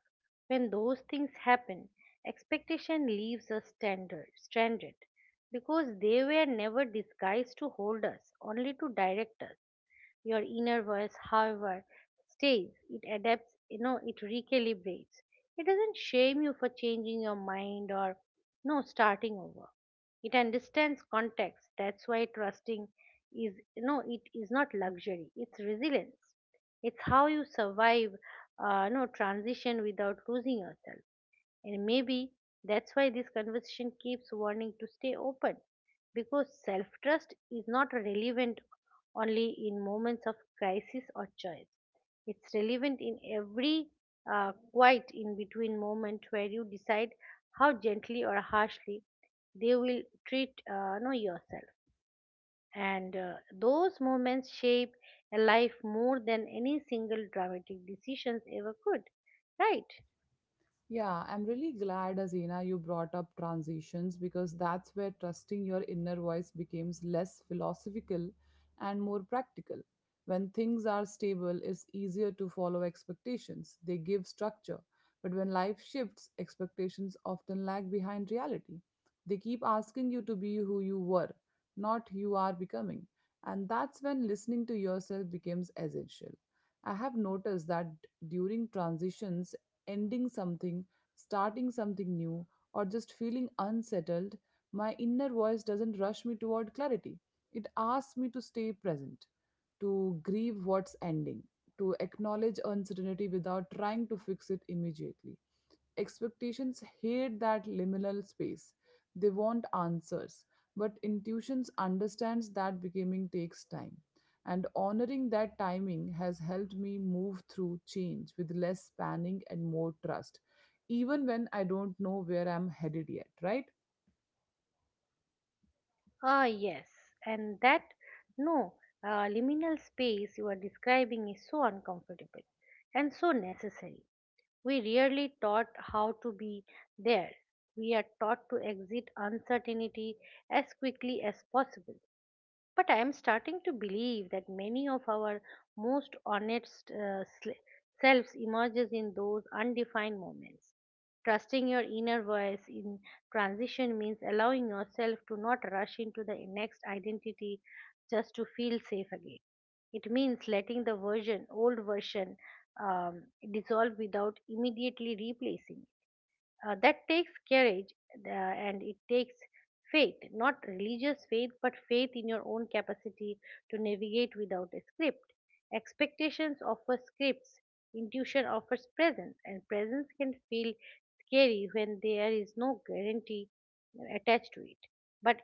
When those things happen, expectation leaves us stranded because they were never disguised to hold us, only to direct us. Your inner voice, however, stays. It adapts, you know, it recalibrates. It doesn't shame you for changing your mind or no starting over. It understands context. That's why trusting is, you know, it is not luxury, it's resilience. It's how you survive no transition without losing yourself. And maybe that's why this conversation keeps warning to stay open, because self trust is not relevant only in moments of crisis or choice. It's relevant in every quiet in between moment where you decide how gently or harshly they will treat know yourself. And those moments shape a life more than any single dramatic decisions ever could, right?
Yeah, I'm really glad, Azina, you brought up transitions because that's where trusting your inner voice becomes less philosophical and more practical. When things are stable, it's easier to follow expectations, they give structure. But when life shifts, expectations often lag behind reality. They keep asking you to be who you were, not who you are becoming. And that's when listening to yourself becomes essential. I have noticed that during transitions, ending something, starting something new, or just feeling unsettled, my inner voice doesn't rush me toward clarity. It asks me to stay present, to grieve what's ending, to acknowledge uncertainty without trying to fix it immediately. Expectations hate that liminal space. They want answers, but intuitions understands that becoming takes time. And honoring that timing has helped me move through change with less panic and more trust, even when I don't know where I'm headed yet, right?
Ah, yes, and that no liminal space you are describing is so uncomfortable and so necessary. We rarely taught how to be there. We are taught to exit uncertainty as quickly as possible. But I am starting to believe that many of our most honest selves emerges in those undefined moments. Trusting your inner voice in transition means allowing yourself to not rush into the next identity just to feel safe again. It means letting the old version um, dissolve without immediately replacing it. That takes courage, and it takes faith, not religious faith, but faith in your own capacity to navigate without a script. Expectations offer scripts, intuition offers presence, and presence can feel scary when there is no guarantee attached to it. But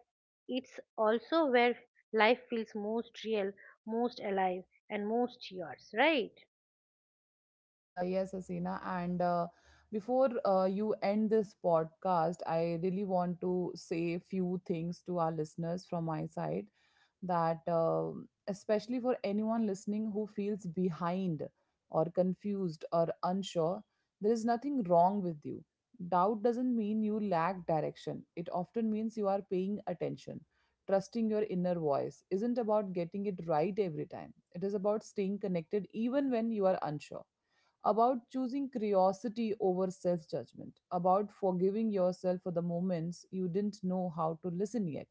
it's also where life feels most real, most alive, and most yours, right?
Yes, Asina. And before you end this podcast, I really want to say a few things to our listeners from my side that, especially for anyone listening who feels behind or confused or unsure, there is nothing wrong with you. Doubt doesn't mean you lack direction, it often means you are paying attention. Trusting your inner voice isn't about getting it right every time, it is about staying connected even when you are unsure, about choosing curiosity over self judgment, about forgiving yourself for the moments you didn't know how to listen yet.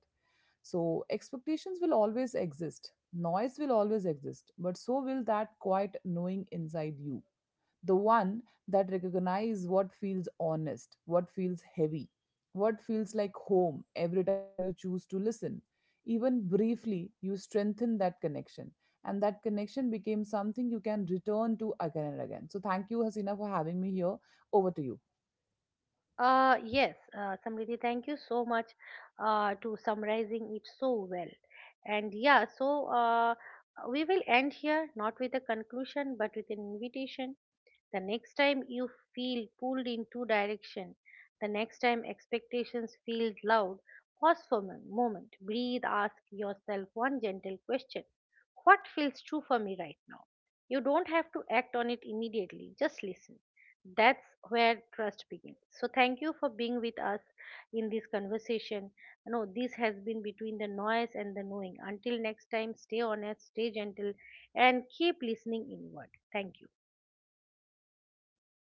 So, expectations will always exist, noise will always exist, but so will that quiet knowing inside you, the one that recognize what feels honest, what feels heavy, what feels like home. Every time you choose to listen, even briefly, you strengthen that connection. And that connection became something you can return to again and again. So, thank you, Hasina, for having me here. Over to you.
Yes, Samriddhi, thank you so much to summarizing it so well. And yeah, we will end here, not with a conclusion, but with an invitation. The next time you feel pulled in two direction, the next time expectations feel loud, pause for a moment, breathe, ask yourself one gentle question. What feels true for me right now? You don't have to act on it immediately, just listen. That's where trust begins. So thank you for being with us in this conversation. No, This has been between the noise and the knowing. Until next time, stay honest, stay gentle, and keep listening inward. Thank you.